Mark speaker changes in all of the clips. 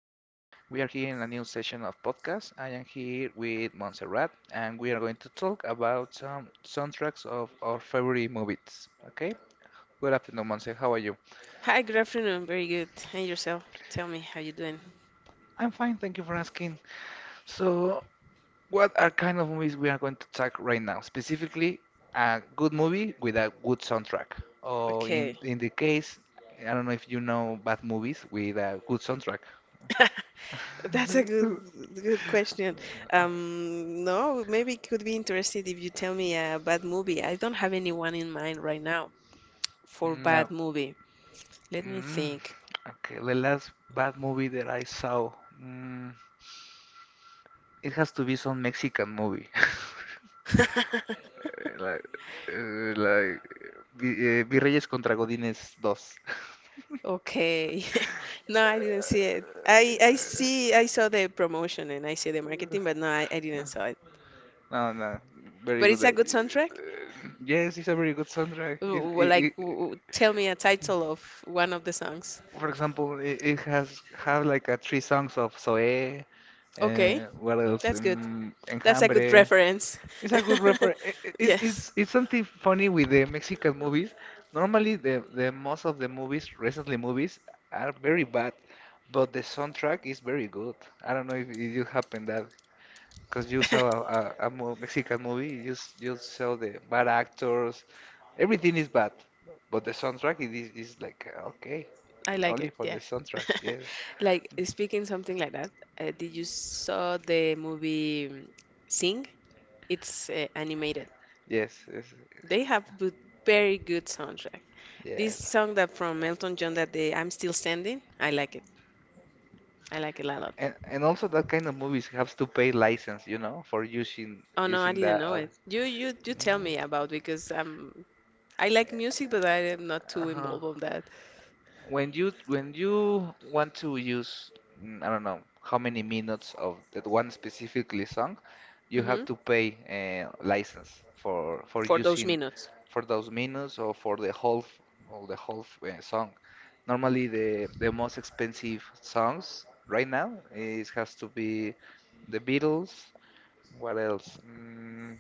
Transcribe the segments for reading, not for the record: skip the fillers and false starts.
Speaker 1: We are here in a new session of podcast. I am here with Montserrat and we are going to talk about some soundtracks of our favorite movies. Okay? Good afternoon, Monse. How are you?
Speaker 2: Hi, good afternoon. Very good. And yourself? Tell me how you doing.
Speaker 1: I'm fine, thank you for asking. So, what are kind of movies we are going to talk right now? Specifically, a good movie with a good soundtrack. Or in
Speaker 2: Okay.
Speaker 1: in the case, I don't know if you know bad movies with a good soundtrack.
Speaker 2: That's a good question. No, maybe it could be interesting if you tell me a bad movie. I don't have anyone in mind right now for
Speaker 1: Now,
Speaker 2: bad movie. Let me
Speaker 1: mm,
Speaker 2: think.
Speaker 1: okay, the last bad movie that I saw, mm, it has to be some Mexican movie. Like, like Vi- Virreyes contra Godines 2.
Speaker 2: Okay. No, I didn't see it. I saw the promotion and I see the marketing, but no, I didn't saw it.
Speaker 1: No, no, very
Speaker 2: But
Speaker 1: good.
Speaker 2: it's a good soundtrack.
Speaker 1: Yes, it's a very good soundtrack.
Speaker 2: Tell me a title of one of the songs.
Speaker 1: For example, it has have like three songs of Zoe, uh,
Speaker 2: Okay,
Speaker 1: what else?
Speaker 2: that's good. That's a good
Speaker 1: Enjambre.
Speaker 2: reference.
Speaker 1: It's a good refer. It's
Speaker 2: Yes,
Speaker 1: it's something funny with the Mexican movies. Normally, the most of the movies, recently movies, are very bad, but the soundtrack is very good. I don't know if it happened that because you saw a mo- Mexican movie, you saw the bad actors, everything is bad, but the soundtrack it is like okay,
Speaker 2: I like
Speaker 1: only
Speaker 2: it.
Speaker 1: for the
Speaker 2: Yes.
Speaker 1: soundtrack. Yes,
Speaker 2: Like, speaking something like that, did you saw the movie Sing? It's animated.
Speaker 1: yes, yes,
Speaker 2: They have very good soundtrack. This
Speaker 1: yes.
Speaker 2: song that from Elton John that the I'm Still Standing, I like it. I like it a lot.
Speaker 1: And also that kind of movies have to pay license, for using
Speaker 2: Oh no, I
Speaker 1: using
Speaker 2: didn't
Speaker 1: that.
Speaker 2: know it. You tell
Speaker 1: Mhm.
Speaker 2: me about because I like music, but I am not too
Speaker 1: Uh-huh.
Speaker 2: involved on that.
Speaker 1: When you want to use, I don't know how many minutes of that one specifically song, you
Speaker 2: Hmm,
Speaker 1: have to pay a license for
Speaker 2: for those
Speaker 1: using
Speaker 2: minutes.
Speaker 1: for those minutes, or for the whole song. Normally, the most expensive songs right now is has to be the Beatles. What else?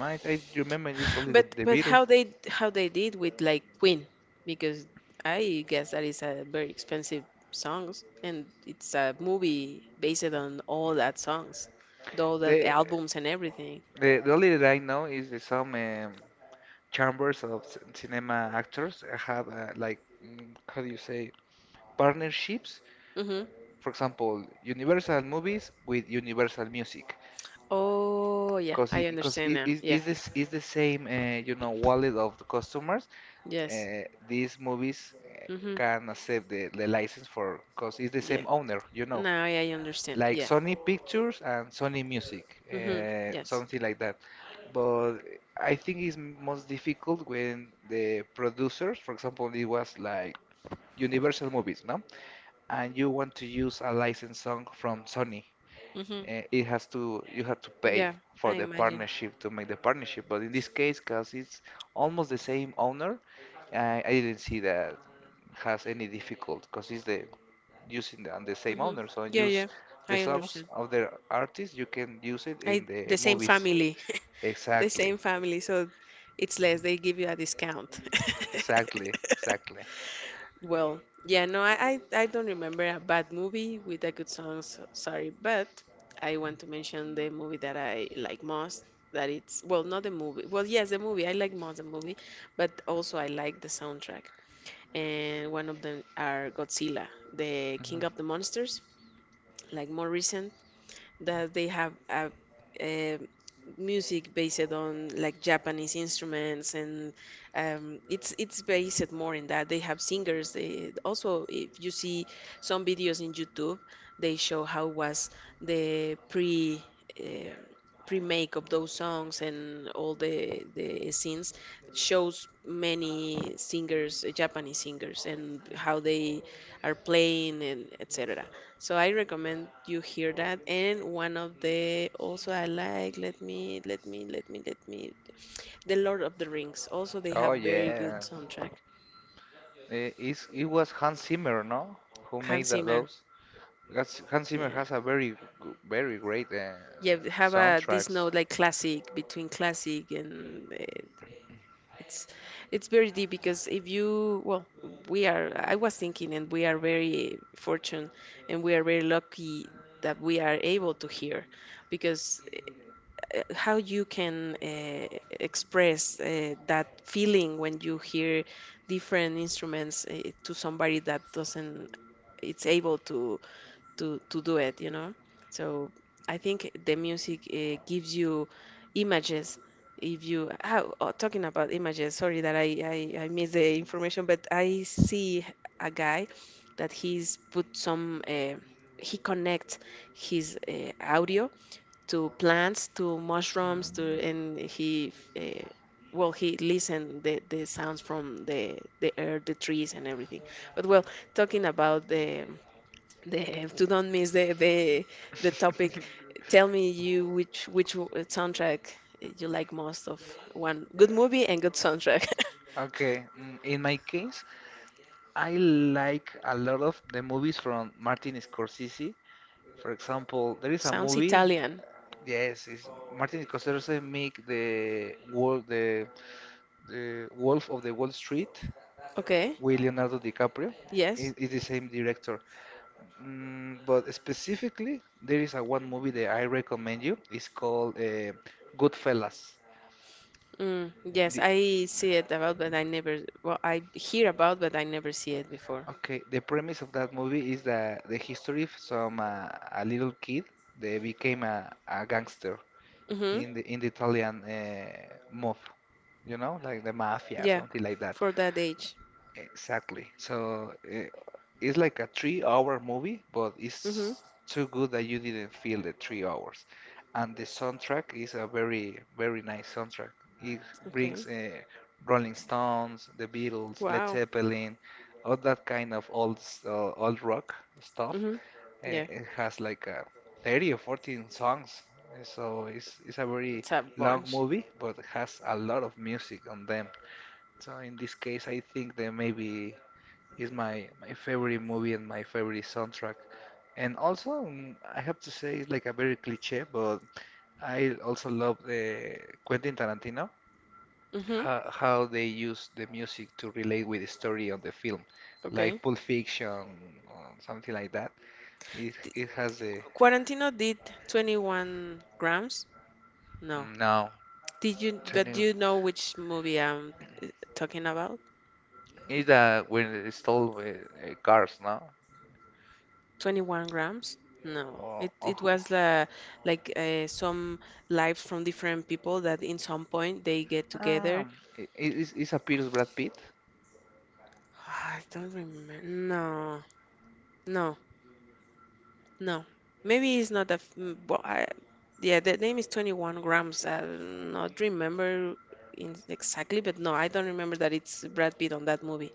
Speaker 1: I remember it's only the,
Speaker 2: But
Speaker 1: the Beatles.
Speaker 2: how they did with like Queen, because I guess that is a very expensive songs, and it's a movie based on all that songs, all that
Speaker 1: The
Speaker 2: albums and everything.
Speaker 1: The only that I know is that some chambers of c- cinema actors have, like, how do you say, partnerships.
Speaker 2: Hmm.
Speaker 1: For example, Universal movies with Universal music,
Speaker 2: Oh yeah,
Speaker 1: because
Speaker 2: I
Speaker 1: because
Speaker 2: understand
Speaker 1: it
Speaker 2: now.
Speaker 1: is
Speaker 2: Yeah.
Speaker 1: is this is the same, wallet of the customers.
Speaker 2: Yes.
Speaker 1: Uh, these movies uh,
Speaker 2: Hmm.
Speaker 1: can accept the license for because it's the
Speaker 2: Yeah.
Speaker 1: same owner,
Speaker 2: Now I understand.
Speaker 1: like
Speaker 2: Yeah.
Speaker 1: Sony Pictures and Sony Music,
Speaker 2: Hmm. Yes.
Speaker 1: something like that. But I think it's most difficult when the producers, for example, it was like Universal Movies, no? And you want to use a licensed song from Sony.
Speaker 2: Hmm.
Speaker 1: It has to, you have to pay
Speaker 2: Yeah.
Speaker 1: for
Speaker 2: I
Speaker 1: the
Speaker 2: imagine.
Speaker 1: partnership to make the partnership, but in this case because it's almost the same owner, I didn't see that has any difficult because it's the using the same
Speaker 2: Hmm.
Speaker 1: owner, so
Speaker 2: Yeah.
Speaker 1: use
Speaker 2: Yeah.
Speaker 1: the
Speaker 2: I
Speaker 1: songs
Speaker 2: understand.
Speaker 1: of the artist you can use it in
Speaker 2: I
Speaker 1: the
Speaker 2: the same
Speaker 1: movies.
Speaker 2: family, the
Speaker 1: Exactly,
Speaker 2: same family, so it's less. They give you a discount.
Speaker 1: exactly, exactly.
Speaker 2: Well, yeah, no, I don't remember a bad movie with a good song. So, sorry, but I want to mention the movie that I like most. That it's well, not the movie. Well, yes, the movie I like most the movie, but also I like the soundtrack. And one of them are Godzilla, the King of the
Speaker 1: Hmm.
Speaker 2: Monsters, like more recent that they have a music based on like Japanese instruments, and it's based more in that they have singers. They also, if you see some videos in YouTube, they show how was the pre. Um pre-make of those songs and all the scenes shows many singers, Japanese singers, and how they are playing and etc. So I recommend you hear that. And one of the also I like, The Lord of the Rings. Also, they
Speaker 1: Oh
Speaker 2: have very good
Speaker 1: yeah,
Speaker 2: soundtrack.
Speaker 1: it was Hans Zimmer, no, who made
Speaker 2: Hans Zimmer.
Speaker 1: those. Because Hans Zimmer
Speaker 2: Yeah.
Speaker 1: has a very great,
Speaker 2: Yeah, they have a this
Speaker 1: soundtracks.
Speaker 2: note like classic between classic and it's very deep because if you well we are I was thinking and we are very fortunate and we are very lucky that we are able to hear because how you can express that feeling when you hear different instruments to somebody that doesn't it's able to to do it you know so I think the music gives you images if you how oh, talking about images sorry that I missed the information but I see a guy that he's put some he connects his audio to mushrooms, to
Speaker 1: Mm.
Speaker 2: and he well he listened the sounds from the air, the trees and everything. But well, talking about the to don't miss the topic, tell me you which soundtrack you like most of one good movie and good soundtrack.
Speaker 1: Okay, in my case, I like a lot of the movies from Martin Scorsese. For example, there is a
Speaker 2: Sounds
Speaker 1: movie.
Speaker 2: Italian.
Speaker 1: Yes, it's Martin Scorsese make the Wolf of the Wall Street,
Speaker 2: Okay.
Speaker 1: with Leonardo DiCaprio.
Speaker 2: Yes.
Speaker 1: It is the same director. But specifically, there is a one movie that I recommend you. It's called Goodfellas.
Speaker 2: Mm, yes,
Speaker 1: The,
Speaker 2: I see it about, but I never, well, I hear about, but I never see it before.
Speaker 1: okay, the premise of that movie is that the history of some, a little kid that became a gangster
Speaker 2: Hmm.
Speaker 1: in the Italian mob, you know, like the mafia,
Speaker 2: Yeah,
Speaker 1: something like that.
Speaker 2: for that age.
Speaker 1: Exactly. So it's like a three-hour movie, but
Speaker 2: Mm-hmm.
Speaker 1: it's too good that you didn't feel the 3 hours. And the soundtrack is a very, very nice soundtrack. It
Speaker 2: Okay.
Speaker 1: brings, Rolling Stones, The Beatles, Led
Speaker 2: Wow.
Speaker 1: Zeppelin, all that kind of old rock stuff.
Speaker 2: Mm-hmm. Yeah,
Speaker 1: It has like a 30 or 14 songs. So it's a very
Speaker 2: it's a
Speaker 1: long
Speaker 2: bunch.
Speaker 1: movie, but it has a lot of music on them. So in this case, I think that maybe is my favorite movie and my favorite soundtrack. And also, I have to say, it's like a very cliche, but I also love, Quentin Tarantino,
Speaker 2: Mm-hmm.
Speaker 1: how they use the music to relate with the story of the film,
Speaker 2: Okay.
Speaker 1: like Pulp Fiction or something like that. It
Speaker 2: Di-
Speaker 1: it has the
Speaker 2: Quarantino did 21 grams? No.
Speaker 1: no,
Speaker 2: Did you, but
Speaker 1: 20,
Speaker 2: do you know which movie I'm uh, talking about?
Speaker 1: is that when they stole, cars, no?
Speaker 2: 21 grams? No. It
Speaker 1: Or
Speaker 2: it
Speaker 1: who?
Speaker 2: was like some lives from different people that in some point they get together.
Speaker 1: Um, i- is appears Brad Pitt,
Speaker 2: I don't remember. No. No. No, maybe it's not a. Well, yeah, the name is 21 grams. I do not remember in, exactly, but no, I don't remember that it's Brad Pitt on that movie.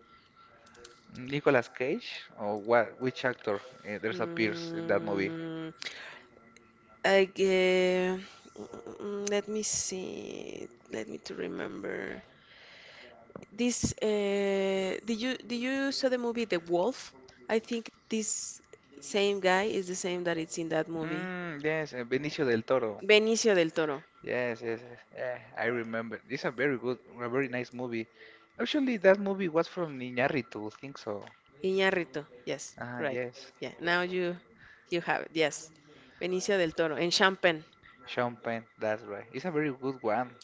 Speaker 1: Nicolas Cage, or what? Which actor there's appears in that movie?
Speaker 2: Mm, I, gue- Let me see. Let me to remember. This did you saw the movie The Wolf? I think this same guy is the same that it's in that movie.
Speaker 1: Yes, Benicio del Toro.
Speaker 2: Benicio del Toro.
Speaker 1: Yes, yes, yes. Yeah, I remember. It's a very good, a very nice movie. Actually, that movie was from Iñárritu, I think so.
Speaker 2: Iñárritu. Yes,
Speaker 1: Ah,
Speaker 2: right.
Speaker 1: yes.
Speaker 2: Yeah. Now You have it, yes. Benicio del Toro in Champagne.
Speaker 1: Sean Penn, that's right. It's a very good one.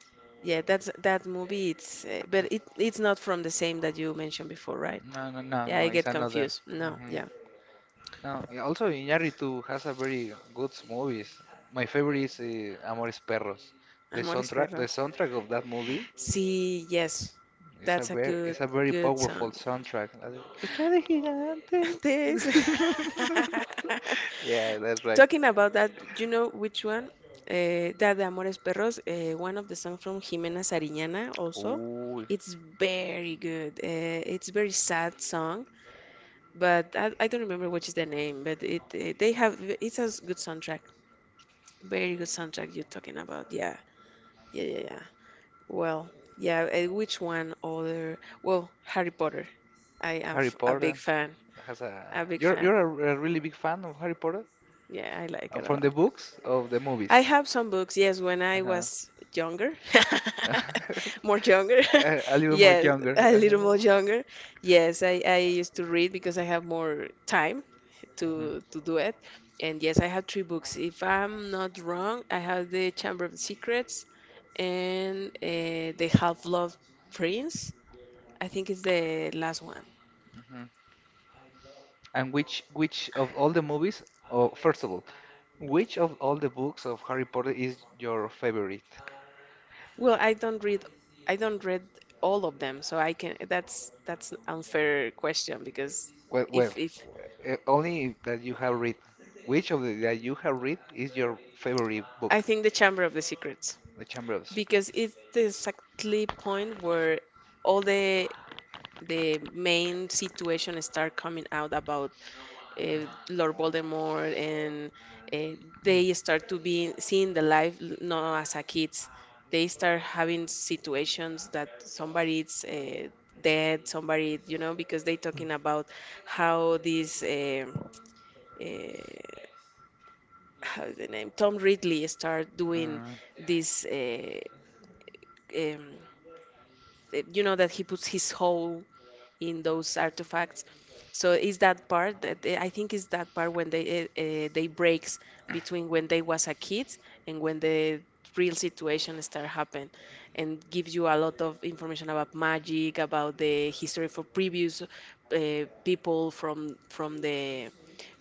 Speaker 2: Yeah, that's that movie. It's but it it's not from the same that you mentioned before, right?
Speaker 1: No, no, no, no,
Speaker 2: Yeah,
Speaker 1: no,
Speaker 2: I
Speaker 1: it's
Speaker 2: get
Speaker 1: another.
Speaker 2: confused. No,
Speaker 1: Hmm.
Speaker 2: yeah.
Speaker 1: Now, also Iñárritu has a very good movies. My favorite is, Amores Perros.
Speaker 2: Amores
Speaker 1: The
Speaker 2: Perros.
Speaker 1: soundtrack of that movie
Speaker 2: See, yes. That's a
Speaker 1: is a very
Speaker 2: good
Speaker 1: powerful
Speaker 2: song.
Speaker 1: soundtrack. La de, Lucha de gigantes.
Speaker 2: This
Speaker 1: Yeah, that's right.
Speaker 2: Talking about that, do you know which one? That de Amores Perros, one of the songs from Jimena Sariñana also.
Speaker 1: Ooh,
Speaker 2: It's very good. It's very sad song, but I don't remember which is the name, but it they have it's a good soundtrack, very good soundtrack you're talking about. Yeah, yeah. Well, yeah. Which one other? Well, Harry Potter.
Speaker 1: Harry
Speaker 2: A big
Speaker 1: Potter
Speaker 2: fan.
Speaker 1: has a.
Speaker 2: A big
Speaker 1: You're
Speaker 2: fan.
Speaker 1: a really big fan of Harry Potter.
Speaker 2: Yeah, I like it a
Speaker 1: From the
Speaker 2: lot.
Speaker 1: books of the movies.
Speaker 2: I have some books. Yes, when I
Speaker 1: Uh-huh.
Speaker 2: was younger, more younger.
Speaker 1: A a little more
Speaker 2: Yes,
Speaker 1: younger.
Speaker 2: a little more
Speaker 1: Uh-huh.
Speaker 2: younger. Yes, I used to read because I have more time
Speaker 1: Mhm,
Speaker 2: to do it. And yes, I have three books. If I'm not wrong, I have The Chamber of Secrets and The Half-Blood Prince. I think it's the last one.
Speaker 1: mhm. And which of all the movies, or first of all, which of all the books of Harry Potter is your favorite?
Speaker 2: Well, I don't read all of them, so I can that's an unfair question because
Speaker 1: Well, well,
Speaker 2: if
Speaker 1: only that you have read. Which of the that you have read is your favorite book?
Speaker 2: I think The Chamber of the Secrets
Speaker 1: The Chamber of
Speaker 2: because
Speaker 1: Secrets.
Speaker 2: it's the exactly point where all the main situation start coming out about Lord Voldemort, and uh, they start to be seeing the life not as a kids. They start having situations that somebody's dead, somebody, you know, because they talking about how uh, how is the name, Tom Ridley start doing
Speaker 1: Mm.
Speaker 2: this, uh, um, you know, that he puts his whole in those artifacts. So is that part that I think is that part when they breaks between when they was a kid and when the real situation start happen and gives you a lot of information about magic, about the history for previous people from the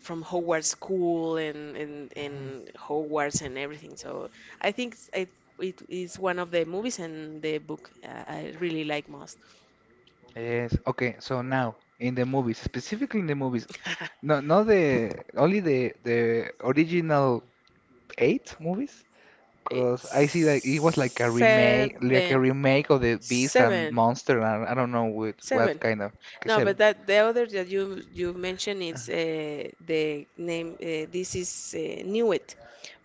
Speaker 2: from Hogwarts School
Speaker 1: Mm-hmm.
Speaker 2: and Hogwarts and everything. So I think it is one of the movies and the book I really like most.
Speaker 1: Yes. Okay. So now in the movies, specifically in the movies, no, not the only the original eight movies,
Speaker 2: Eight,
Speaker 1: because I see like it was like a
Speaker 2: Seven,
Speaker 1: remake of the Beast and
Speaker 2: seven,
Speaker 1: Monster, and I don't know with what
Speaker 2: seven.
Speaker 1: kind of, okay,
Speaker 2: No, but
Speaker 1: seven.
Speaker 2: that the other that you mentioned is the name. This is Newt,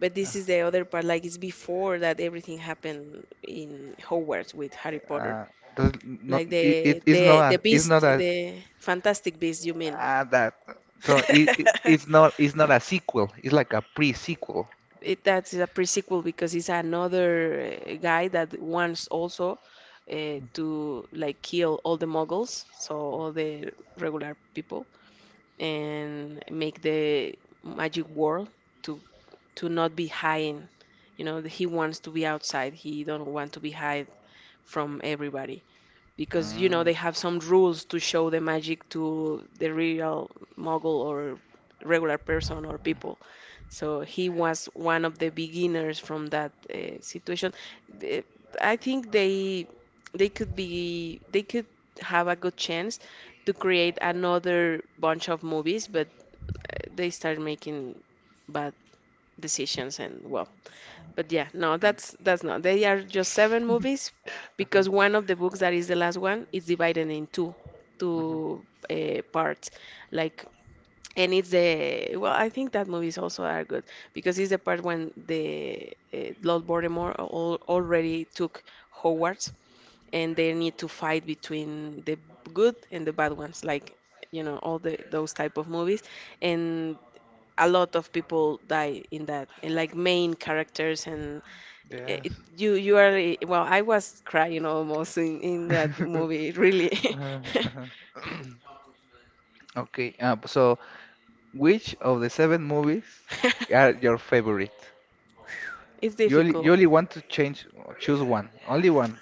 Speaker 2: but this is the other part. Like it's before that everything happened in Hogwarts with Harry Potter.
Speaker 1: Uh, does not
Speaker 2: Like
Speaker 1: it is not
Speaker 2: the
Speaker 1: a, it's
Speaker 2: Beast,
Speaker 1: not a,
Speaker 2: the Fantastic Beast. You mean?
Speaker 1: ah that, so it's not, it's not a sequel. It's like a pre-sequel.
Speaker 2: It that's a prequel because it's another guy that wants also to like kill all the muggles, so all the regular people, and make the magic world to to not be hiding. You know, he wants to be outside. He don't want to be hide from everybody because you know
Speaker 1: Mm.
Speaker 2: they have some rules to show the magic to the real muggle or regular person or people. So he was one of the beginners from that situation. The- I think they could be they could have a good chance to create another bunch of movies, but they started making bad decisions and well. But yeah, no, that's not. They are just seven movies
Speaker 1: Mhm,
Speaker 2: because one of the books that is the last one is divided in
Speaker 1: mhm.
Speaker 2: two parts, like and it's the well, I think that movies also are good because it's the part when the Lord Voldemort al already took Hogwarts, and they need to fight between the good and the bad ones, like you know all the those type of movies, and a lot of people die in that, and like main characters, it,
Speaker 1: Yes.
Speaker 2: it- you you are well, I was crying almost in that movie, really.
Speaker 1: Uh, uh-huh. Okay, so which of the seven movies are your favorite?
Speaker 2: It's
Speaker 1: You
Speaker 2: difficult.
Speaker 1: only want to change, choose one, only one.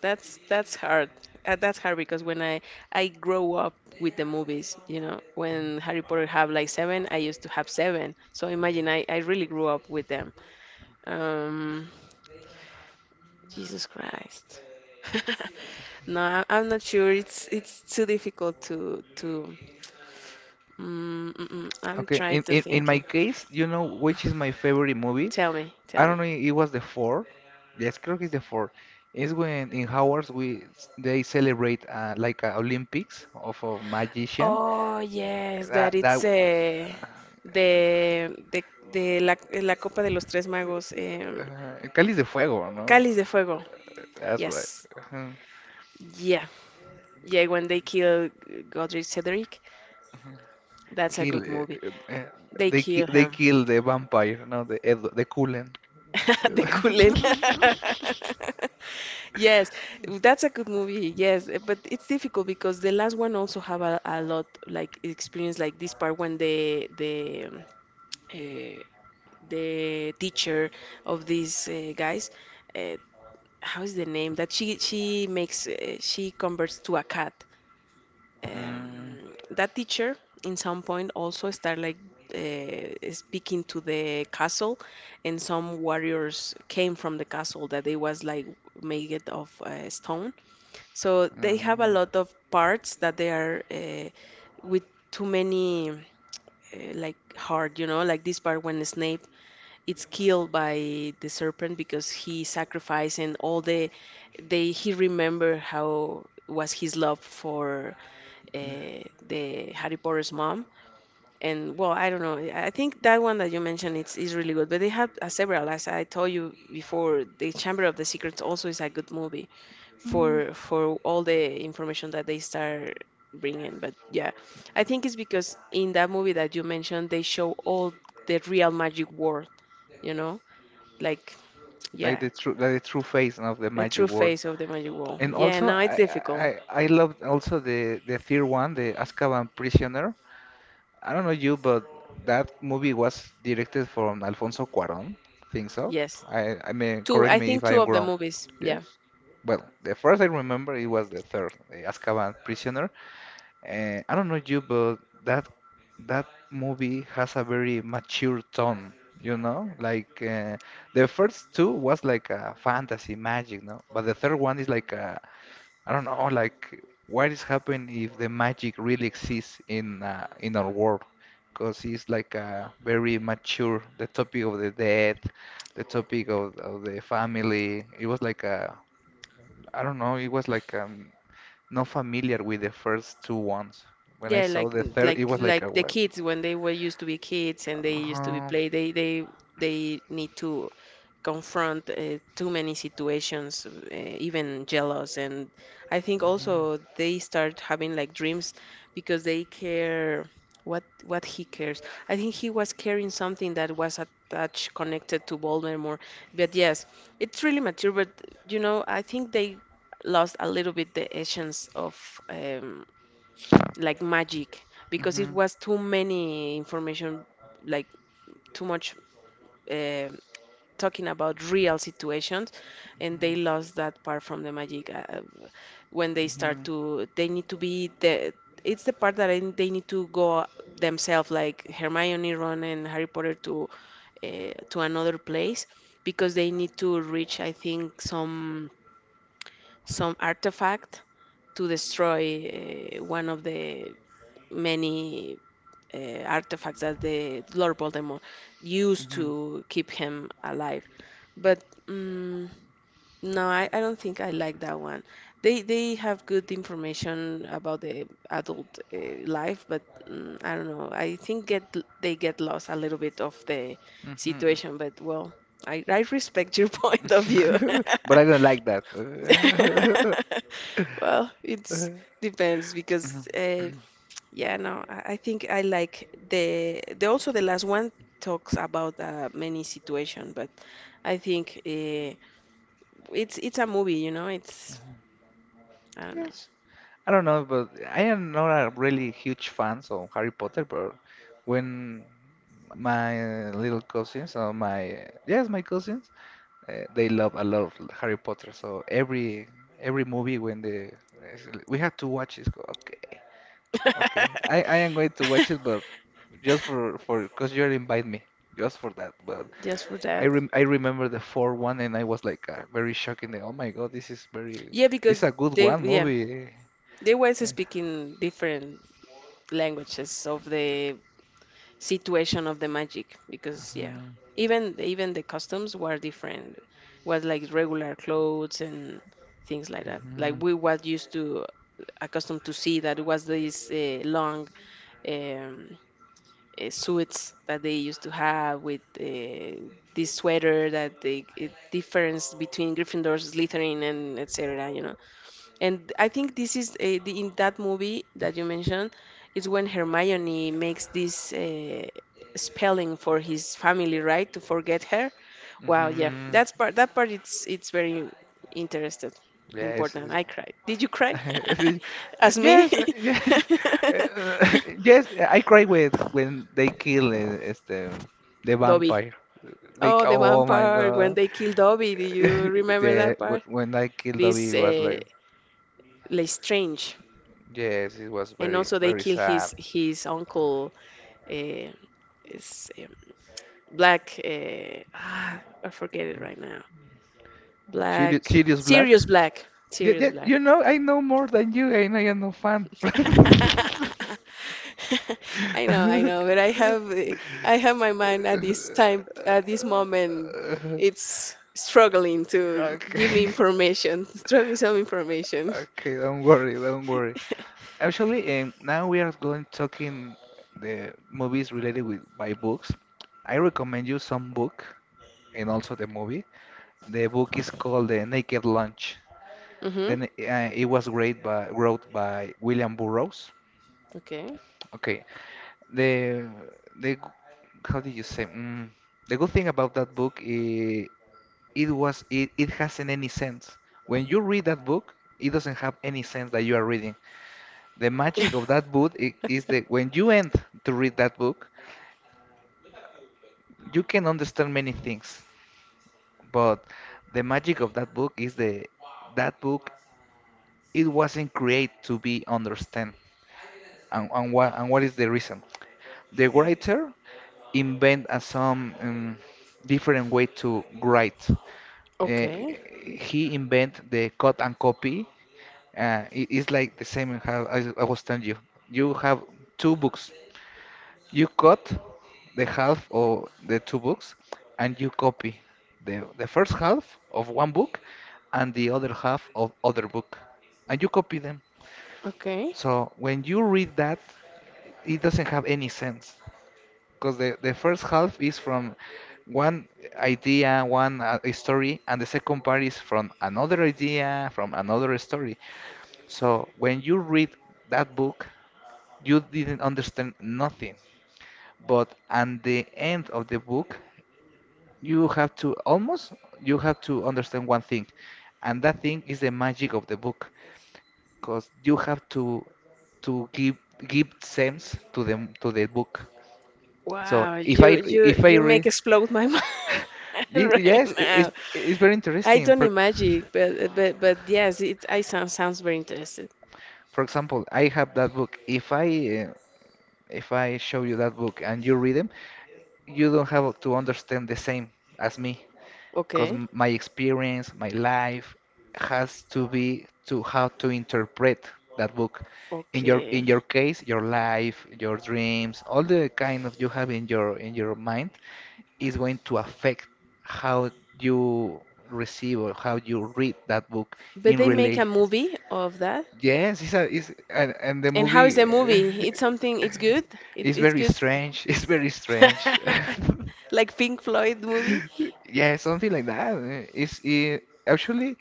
Speaker 2: That's hard. That's hard because when I grow up with the movies, you know, when Harry Potter have like seven, I used to have seven. So imagine I really grew up with them. Um, Jesus Christ. No, I'm not sure. It's too difficult to. Mm. I'm
Speaker 1: Okay,
Speaker 2: trying to
Speaker 1: in
Speaker 2: think.
Speaker 1: my
Speaker 2: It.
Speaker 1: case, you know which is my favorite movie?
Speaker 2: Tell me, tell
Speaker 1: I don't
Speaker 2: me.
Speaker 1: know, it was the four. Yes, creo que it's the four. It's when in Howard's they celebrate, like a Olympics of a magician.
Speaker 2: Oh yes, that
Speaker 1: That that
Speaker 2: it's the the la, la Copa de los Tres Magos,
Speaker 1: Cáliz de Fuego, no?
Speaker 2: Cáliz de Fuego.
Speaker 1: That's right.
Speaker 2: Yes.
Speaker 1: Uh-huh.
Speaker 2: Yeah. Yeah, when they kill Godric Cedric, that's a
Speaker 1: Kill.
Speaker 2: good movie. They
Speaker 1: They ki
Speaker 2: kill
Speaker 1: they
Speaker 2: him.
Speaker 1: kill the vampire, no, the Ed the Cullen.
Speaker 2: The Cullen. Yes, that's a good movie. Yes, but it's difficult because the last one also have a lot like experience like this part when the eh, the teacher of these guys, uh, how is the name that she makes she converts to a cat um,
Speaker 1: Mm.
Speaker 2: that teacher in some point also start like speaking to the castle and some warriors came from the castle that they was like made it of stone, so they have a
Speaker 1: Mm.
Speaker 2: lot of parts that they are with too many like hard, you know, like this part when Snape it's killed by the serpent because he sacrificed and all the they he remember how was his love for the Harry Potter's mom. And well, I don't know. I think that one that you mentioned it's is really good, but they have several. As I told you before, the Chamber of the Secrets also is a good movie
Speaker 1: Mm.
Speaker 2: for all the information that they start bringing. But yeah, I think it's because in that movie that you mentioned, they show all the real magic world. You know, like yeah,
Speaker 1: Like the true face of the
Speaker 2: the
Speaker 1: magic
Speaker 2: true
Speaker 1: world.
Speaker 2: face of the magic world.
Speaker 1: And
Speaker 2: Yeah,
Speaker 1: also,
Speaker 2: now it's difficult.
Speaker 1: I loved also the third one, the Azkaban Prisoner. I don't know you, but that movie was directed from Alfonso Cuarón. Think so?
Speaker 2: Yes,
Speaker 1: I mean,
Speaker 2: two.
Speaker 1: correct
Speaker 2: I
Speaker 1: me if
Speaker 2: think
Speaker 1: I
Speaker 2: two
Speaker 1: am
Speaker 2: of the
Speaker 1: wrong.
Speaker 2: movies. Yeah.
Speaker 1: Yes. Well, the first I remember it was the third, the Azkaban Prisoner. I don't know you, but that that movie has a very mature tone, you know? Like, the first two was like a fantasy magic, no? But the third one is like a, I don't know, like what is happening if the magic really exists in, in our world? Because it's like a very mature, the topic of the death, the topic of the family. It was like a, I don't know. It was like, not familiar with the first two ones. When I
Speaker 2: Yeah,
Speaker 1: saw
Speaker 2: like
Speaker 1: the third, it
Speaker 2: like
Speaker 1: was like a
Speaker 2: like the
Speaker 1: well.
Speaker 2: kids when they were used to be kids and they used to be
Speaker 1: Uh-huh.
Speaker 2: play, they need to confront too many situations, even jealous. And I think also they start having like dreams because they care what he cares. I think he was carrying something that was attached, connected to Voldemort. But yes, it's really mature. But you know, I think they lost a little bit the essence of. Um, like magic because it
Speaker 1: Mhm,
Speaker 2: was too many information like too much uh, talking about real situations, and they lost that part from the magic when they
Speaker 1: mhm,
Speaker 2: start
Speaker 1: mhm,
Speaker 2: to they need to be the it's the part that I, they need to go themselves like Hermione, Ron, and Harry Potter to another place because they need to reach, I think, some artifact to destroy one of the many artifacts that the Lord Voldemort used
Speaker 1: mhm,
Speaker 2: to keep him alive. But no, I don't think I like that one. They have good information about the adult life, but I don't know. I think get they get lost a little bit of the
Speaker 1: mhm, mhm.
Speaker 2: situation. But well, I respect your point of view.
Speaker 1: But I don't like that.
Speaker 2: Well, it's depends
Speaker 1: Mhm.
Speaker 2: because yeah, no, I think I like the also the last one talks about many situation, but I think it's a movie, you know. It's I don't know,
Speaker 1: Yes. I don't know, but I am not a really huge fan of Harry Potter, but when my little cousins or my yes, my cousins, they love a lot of Harry Potter. So every movie when they we had to watch it. Go, okay. Okay, I am going to watch it, but just for because you invite me, just for that. But
Speaker 2: just for that.
Speaker 1: I remember the 4-1, and I was like, very shocking. That, oh my God, this is very
Speaker 2: Yeah,
Speaker 1: this is
Speaker 2: because
Speaker 1: a good
Speaker 2: they
Speaker 1: one
Speaker 2: yeah
Speaker 1: movie.
Speaker 2: they was
Speaker 1: Yeah.
Speaker 2: speaking different languages of the situation of the magic because yeah
Speaker 1: Hmm.
Speaker 2: even even the customs were different, was like regular clothes and things like that like
Speaker 1: Hmm.
Speaker 2: we was used to accustomed to see that it was these long um, suits that they used to have with this sweater that the difference between Gryffindor, Slytherin, and etc. You know, and I think this is the, in that movie that you mentioned is when Hermione makes this spelling for his family, right? To forget her. Wow, yeah,
Speaker 1: Hmm.
Speaker 2: that's part. That part it's very interested,
Speaker 1: Yeah, it's,
Speaker 2: important.
Speaker 1: it's-
Speaker 2: I cried. Did you cry? As me,
Speaker 1: yes, yes, uh, yes. I cry with when they kill, este, the
Speaker 2: Dobby.
Speaker 1: vampire. Like,
Speaker 2: Oh, the
Speaker 1: oh my
Speaker 2: vampire when
Speaker 1: god.
Speaker 2: they kill Dobby. Do you remember that
Speaker 1: The
Speaker 2: part?
Speaker 1: when I killed David
Speaker 2: This
Speaker 1: it was like,
Speaker 2: Lestrange,
Speaker 1: yes, it was
Speaker 2: and
Speaker 1: very
Speaker 2: also they
Speaker 1: very
Speaker 2: kill
Speaker 1: sad.
Speaker 2: his uncle. Uh, It's black. I forget it right now.
Speaker 1: Sirius,
Speaker 2: Black.
Speaker 1: Sirius Black.
Speaker 2: Sirius Black.
Speaker 1: Yeah,
Speaker 2: Sirius
Speaker 1: yeah,
Speaker 2: Black.
Speaker 1: you know, I know more than you, and I am no fan.
Speaker 2: I know, but I have my mind at this time, at this moment. It's struggling to give me
Speaker 1: Okay.
Speaker 2: information. Throw me some information.
Speaker 1: Okay, don't worry, don't worry. Actually, now we are going talking the movies related with by books. I recommend you some book and also the movie. The book is called The Naked Lunch.
Speaker 2: Mm-hmm.
Speaker 1: Then it was great by wrote by William Burroughs.
Speaker 2: Okay.
Speaker 1: Okay, the the how do you say mm, the good thing about that book is it hasn't any sense. When you read that book, it doesn't have any sense that you are reading. The magic of that book is that when you end to read that book, you can understand many things. But the magic of that book is the that book. It wasn't created to be understand. And what is the reason? The writer invent some different way to write.
Speaker 2: Okay.
Speaker 1: He invent the cut and copy. It is like the same how I was telling you. You have two books. You cut the half of the two books, and you copy the first half of one book and the other half of other book, and you copy them.
Speaker 2: Okay.
Speaker 1: So when you read that, it doesn't have any sense because the first half is from one idea, one story, and the second part is from another idea, from another story. So when you read that book, you didn't understand nothing. But at the end of the book, you have to almost you have to understand one thing, and that thing is the magic of the book because you have to to give give sense to the book. So
Speaker 2: Wow,
Speaker 1: if
Speaker 2: you
Speaker 1: I
Speaker 2: you
Speaker 1: if I
Speaker 2: you make
Speaker 1: read,
Speaker 2: explode my mind
Speaker 1: Y-
Speaker 2: right
Speaker 1: yes, i- it's
Speaker 2: now.
Speaker 1: it's very
Speaker 2: I
Speaker 1: interesting.
Speaker 2: don't
Speaker 1: For
Speaker 2: imagine, but but yes, it I sounds very interested.
Speaker 1: for example, I have that book. If I show you that book and you read them, you don't have to understand the same as me, because
Speaker 2: Okay,
Speaker 1: my experience, my life has to be to how to interpret that book. In your in
Speaker 2: okay.
Speaker 1: your case, your life, your dreams, all the kind of you have in your mind is going to affect how you receive or how you read that book
Speaker 2: But
Speaker 1: in
Speaker 2: they make a
Speaker 1: relation.
Speaker 2: movie of that.
Speaker 1: Yes, it's and the
Speaker 2: And how is
Speaker 1: movie
Speaker 2: the movie? It's something. It's good. It,
Speaker 1: is
Speaker 2: it's
Speaker 1: very
Speaker 2: good.
Speaker 1: strange. It's very strange.
Speaker 2: Like Pink Floyd movie
Speaker 1: Yeah, something like that. It's actually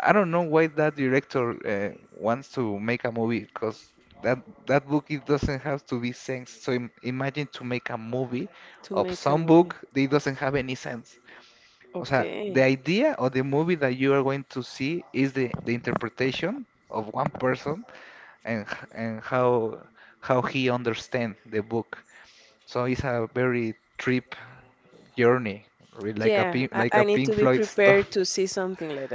Speaker 1: I don't know why that director wants to make a movie because that that book it doesn't have to be sense. So im imagine to make a movie
Speaker 2: to
Speaker 1: of
Speaker 2: make a
Speaker 1: some
Speaker 2: movie.
Speaker 1: book, it doesn't have any sense. O sea, the
Speaker 2: Okay.
Speaker 1: idea or the movie that you are going to see is the interpretation of one person and how he understand the book. So it's a very trip journey,
Speaker 2: Yeah,
Speaker 1: like a
Speaker 2: I need
Speaker 1: Pink
Speaker 2: to be
Speaker 1: Floyd
Speaker 2: prepared
Speaker 1: stuff.
Speaker 2: to see something like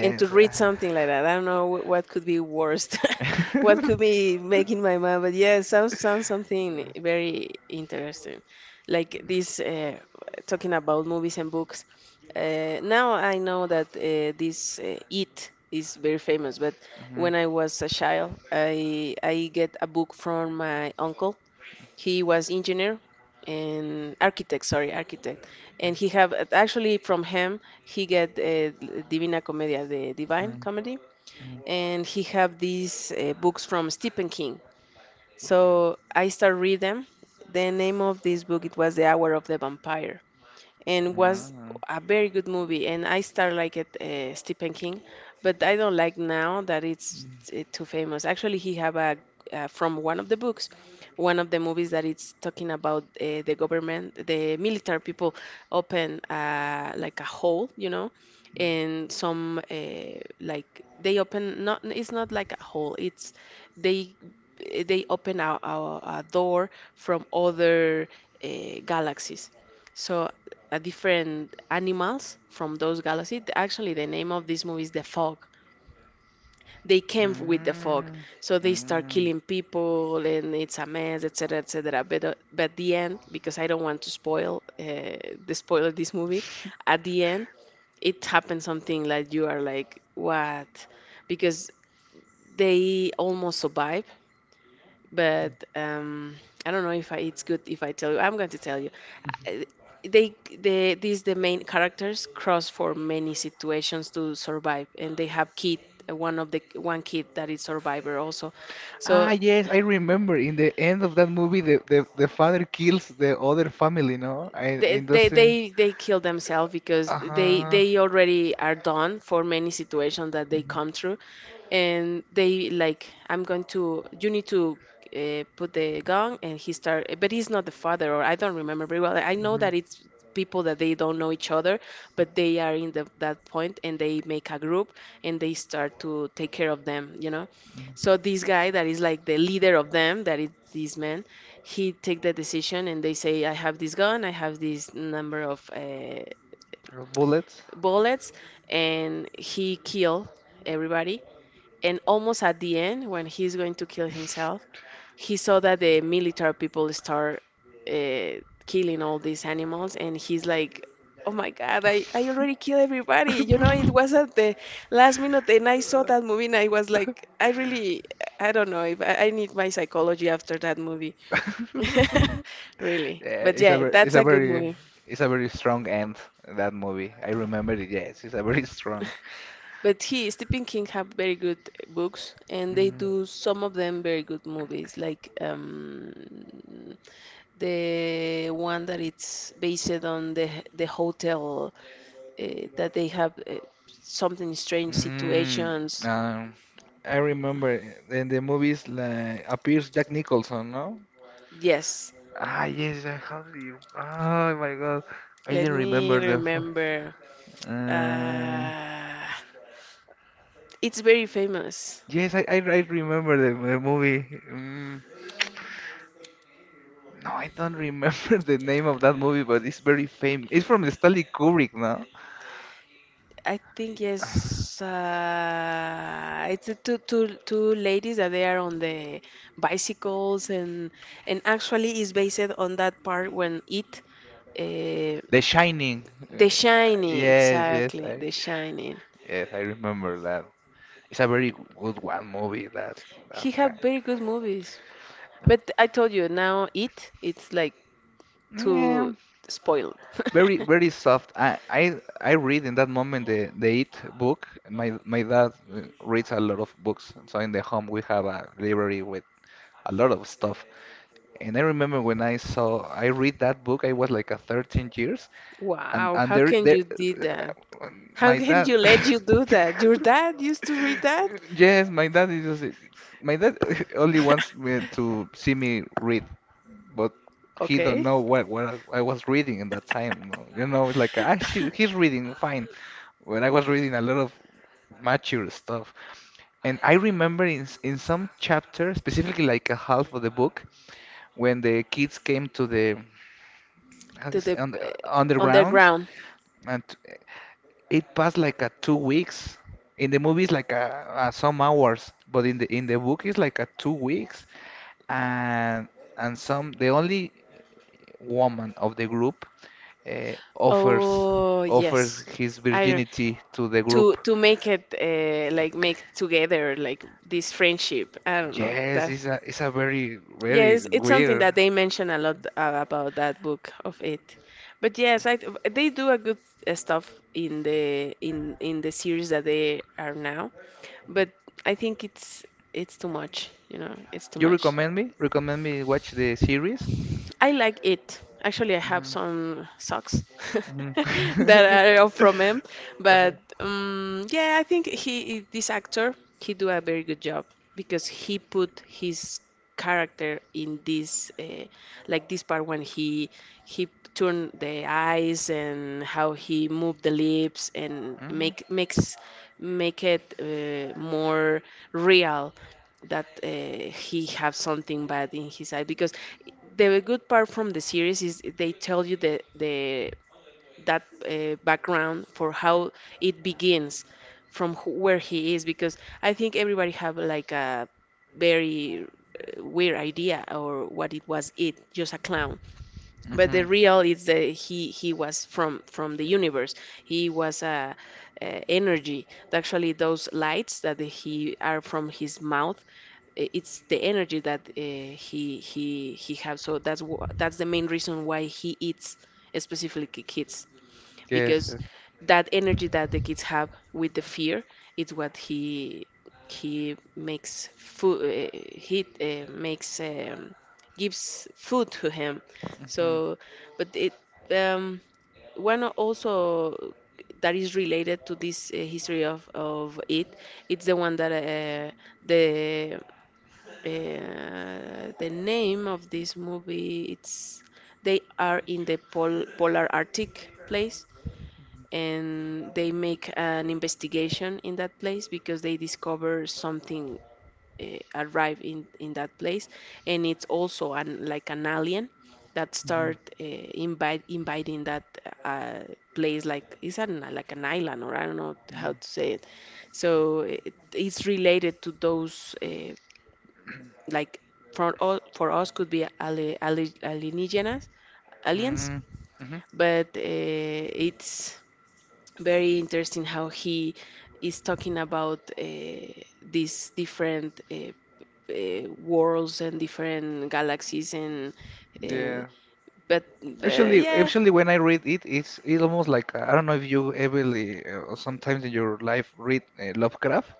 Speaker 2: and to read something like that. I don't know wh- what could be worst, what could be
Speaker 1: uh.
Speaker 2: making my mind, but yeah, it sounds something very interesting. Like this, talking about movies and books. Now I know that this It is very famous, but
Speaker 1: hmm
Speaker 2: when I was a child, I get a book from my uncle. He was engineer and architect, sorry, architect, and he have actually from him he get divina Commedia, the divine comedy, and he have these books from Stephen King, so I start read them. The name of this book it was the hour of the vampire, and was
Speaker 1: Mm-hmm.
Speaker 2: a very good movie. And I start like it Stephen King, but I don't like now that it's too famous. Actually, he have a from one of the books, one of the movies that it's talking about the government, the military people open like a hole, you know, and some like they open not it's not like a hole, it's they they open a door from other uh, galaxies. So different animals from those galaxies. Actually, the name of this movie is The Fog. They came with the fog,
Speaker 1: Mm-hmm.
Speaker 2: so they start
Speaker 1: Mm-hmm.
Speaker 2: killing people, and it's a mess, etc., etc. But the end, because I don't want to spoil the spoil of this movie, at the end it happens something like you are like what, because they almost survive,
Speaker 1: Mm-hmm.
Speaker 2: but I don't know if I, it's good if I tell you. I'm going to tell you. uh, they the main characters cross for many situations to survive, and they have kid, one of the one kid that is survivor also, so
Speaker 1: Ah, yes, I remember in the end of that movie, the father kills the other family, no? And doesn't.
Speaker 2: they kill themselves because
Speaker 1: Uh-huh.
Speaker 2: they already are done for many situations that they
Speaker 1: Mhm,
Speaker 2: come through, and they like I'm going to you need to put the gun, and he start but he's not the father or I don't remember very well. I know
Speaker 1: mhm. Mhm.
Speaker 2: that it's people that they don't know each other, but they are in the, that point and they make a group, and they start to take care of them, you know. So this guy that is like the leader of them that is this man, he take the decision and they say I have this gun, I have this number of
Speaker 1: Or Bullets.
Speaker 2: bullets, and he kill everybody. And almost at the end, when he's going to kill himself, he saw that the military people start uh, killing all these animals, and he's like, "Oh my God, I already killed everybody." You know, it was at the last minute, and I saw that movie, and I was like, "I really, I don't know if I, I need my psychology after that movie." Really,
Speaker 1: Yeah,
Speaker 2: but
Speaker 1: it's a
Speaker 2: yeah,
Speaker 1: ver-
Speaker 2: that's a good movie.
Speaker 1: it's a very strong end that movie. I remember it. Yes, it's a very strong.
Speaker 2: But he, Stephen King, have very good books, and they
Speaker 1: Mm.
Speaker 2: do some of them very good movies, like the one that it's based on the hotel that they have something strange
Speaker 1: Mm,
Speaker 2: situations.
Speaker 1: um, I remember in the movies like appears Jack Nicholson, no?
Speaker 2: Yes,
Speaker 1: Ah, yes, I have the. Oh my god, I
Speaker 2: let
Speaker 1: didn't
Speaker 2: me
Speaker 1: remember the.
Speaker 2: remember.
Speaker 1: Uh,
Speaker 2: Uh, it's very famous.
Speaker 1: yes, I remember the movie. Mm, no, I don't remember the name of that movie, but it's very famous. It's from Stanley Kubrick, no?
Speaker 2: I think yes, it's the two ladies that they are on the bicycles, and actually is based on that part when it uh,
Speaker 1: The Shining.
Speaker 2: The Shining,
Speaker 1: Yes,
Speaker 2: exactly, The Shining.
Speaker 1: yes, I remember that. It's a very good one movie. That that
Speaker 2: He
Speaker 1: kind.
Speaker 2: have very good movies, but I told you now it it's like
Speaker 1: Yeah,
Speaker 2: too spoiled.
Speaker 1: very very soft. I read in that moment the It book. My dad reads a lot of books, so in the home we have a library with a lot of stuff. And I remember when I read that book, I was like a 13 years, and
Speaker 2: Wow,
Speaker 1: and
Speaker 2: how
Speaker 1: there,
Speaker 2: can
Speaker 1: there,
Speaker 2: you did that?
Speaker 1: uh,
Speaker 2: How
Speaker 1: my
Speaker 2: can
Speaker 1: dad.
Speaker 2: you let you do that? Your dad used to read that?
Speaker 1: Yes, my dad is just, my dad only wants me to see me read, but he don't
Speaker 2: Okay.
Speaker 1: know what I was reading in that time. No. You know, it's like he's reading fine. When I was reading a lot of mature stuff, and I remember in some chapter, specifically like a half of the book when the kids came to the, how
Speaker 2: To
Speaker 1: is,
Speaker 2: the
Speaker 1: on the underground,
Speaker 2: underground.
Speaker 1: and it passed like a 2 weeks. In the movie, it's like a some hours, but in the book, it's like a 2 weeks, and and some the only woman of the group uh, offers
Speaker 2: Oh
Speaker 1: offers
Speaker 2: yes,
Speaker 1: his
Speaker 2: I don't
Speaker 1: virginity to the group.
Speaker 2: to make it like make together like this friendship. I don't know
Speaker 1: Yes,
Speaker 2: that.
Speaker 1: it's a very
Speaker 2: Yes,
Speaker 1: very
Speaker 2: it's something
Speaker 1: weird.
Speaker 2: that they mention a lot about that book of it. But yes, I they do a good stuff in the in the series that they are now. But I think it's too much, you know, it's too
Speaker 1: You
Speaker 2: much.
Speaker 1: recommend me? Recommend me watch the series?
Speaker 2: I like it. Actually, I have some socks
Speaker 1: Mhm.
Speaker 2: that are from him,
Speaker 1: Uh-huh.
Speaker 2: but yeah, I think he this actor he do a very good job because he put his character in this like this part when he turned the eyes and how he moved the lips and
Speaker 1: Mhm.
Speaker 2: makes make it more real, that he have something bad in his eye because the good part from the series is they tell you the that background for how it begins from wh- where he is because I think everybody have like a very weird idea or what it was it just a clown, but the
Speaker 1: Mhm.
Speaker 2: real is that he was from the universe. He was a, energy. Actually, those lights that he are from his mouth, I- it's the energy that he have. So that's wh- that's the main reason why he eats specifically ki- kids
Speaker 1: Yes.
Speaker 2: because
Speaker 1: Yes.
Speaker 2: that energy that the kids have with the fear is what he makes food, he makes gives food to him.
Speaker 1: Mhm.
Speaker 2: So, but it um, one also that is related to this history of it. It's the one that the the name of this movie it's they are in the pol- polar arctic place, and they make an investigation in that place because they discover something arrive in that place, and it's also an like an alien that
Speaker 1: Mhm.
Speaker 2: start invite inviting that uh, place like it's an like an island or I don't know how
Speaker 1: Mhm.
Speaker 2: to say it, so it, it's related to those like for all for us could be alienígenas, aliens.
Speaker 1: Mhm. Mhm.
Speaker 2: But it's very interesting how he is talking about these different worlds and different galaxies, and uh,
Speaker 1: Yeah.
Speaker 2: but
Speaker 1: Actually,
Speaker 2: yeah,
Speaker 1: actually, when I read it, it's almost like I don't know if you ever sometimes in your life read Lovecraft.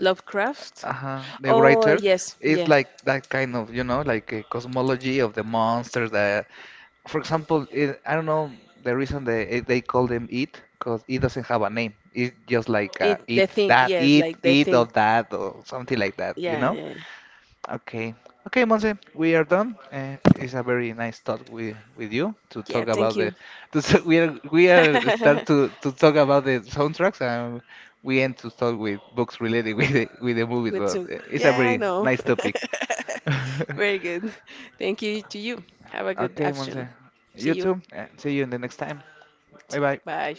Speaker 2: Lovecraft.
Speaker 1: Uh, the
Speaker 2: Oh
Speaker 1: writer
Speaker 2: yes,
Speaker 1: is
Speaker 2: yeah,
Speaker 1: like that kind of, you know, like a cosmology of the monsters that, for example, I don't know the reason they call them it, because it doesn't have a name. It's just like
Speaker 2: it the
Speaker 1: it,
Speaker 2: thing.
Speaker 1: that,
Speaker 2: Yes, like the
Speaker 1: it, or
Speaker 2: thing.
Speaker 1: that, or something like that, you
Speaker 2: Yeah,
Speaker 1: know?
Speaker 2: yeah,
Speaker 1: Okay. Okay, Monse, we are done. It's a very nice talk with you to
Speaker 2: yeah.
Speaker 1: talk about
Speaker 2: Thank
Speaker 1: the
Speaker 2: you.
Speaker 1: to s we are start to talk about the soundtracks, and we end to talk with books related with the movies,
Speaker 2: With
Speaker 1: but
Speaker 2: some,
Speaker 1: it's a
Speaker 2: yeah, I
Speaker 1: very
Speaker 2: know.
Speaker 1: nice topic.
Speaker 2: Very good. Thank you to you. Have a good
Speaker 1: Okay, Monse.
Speaker 2: afternoon. See
Speaker 1: You
Speaker 2: you.
Speaker 1: too. See you in the next time. Bye
Speaker 2: See-
Speaker 1: bye.
Speaker 2: Bye.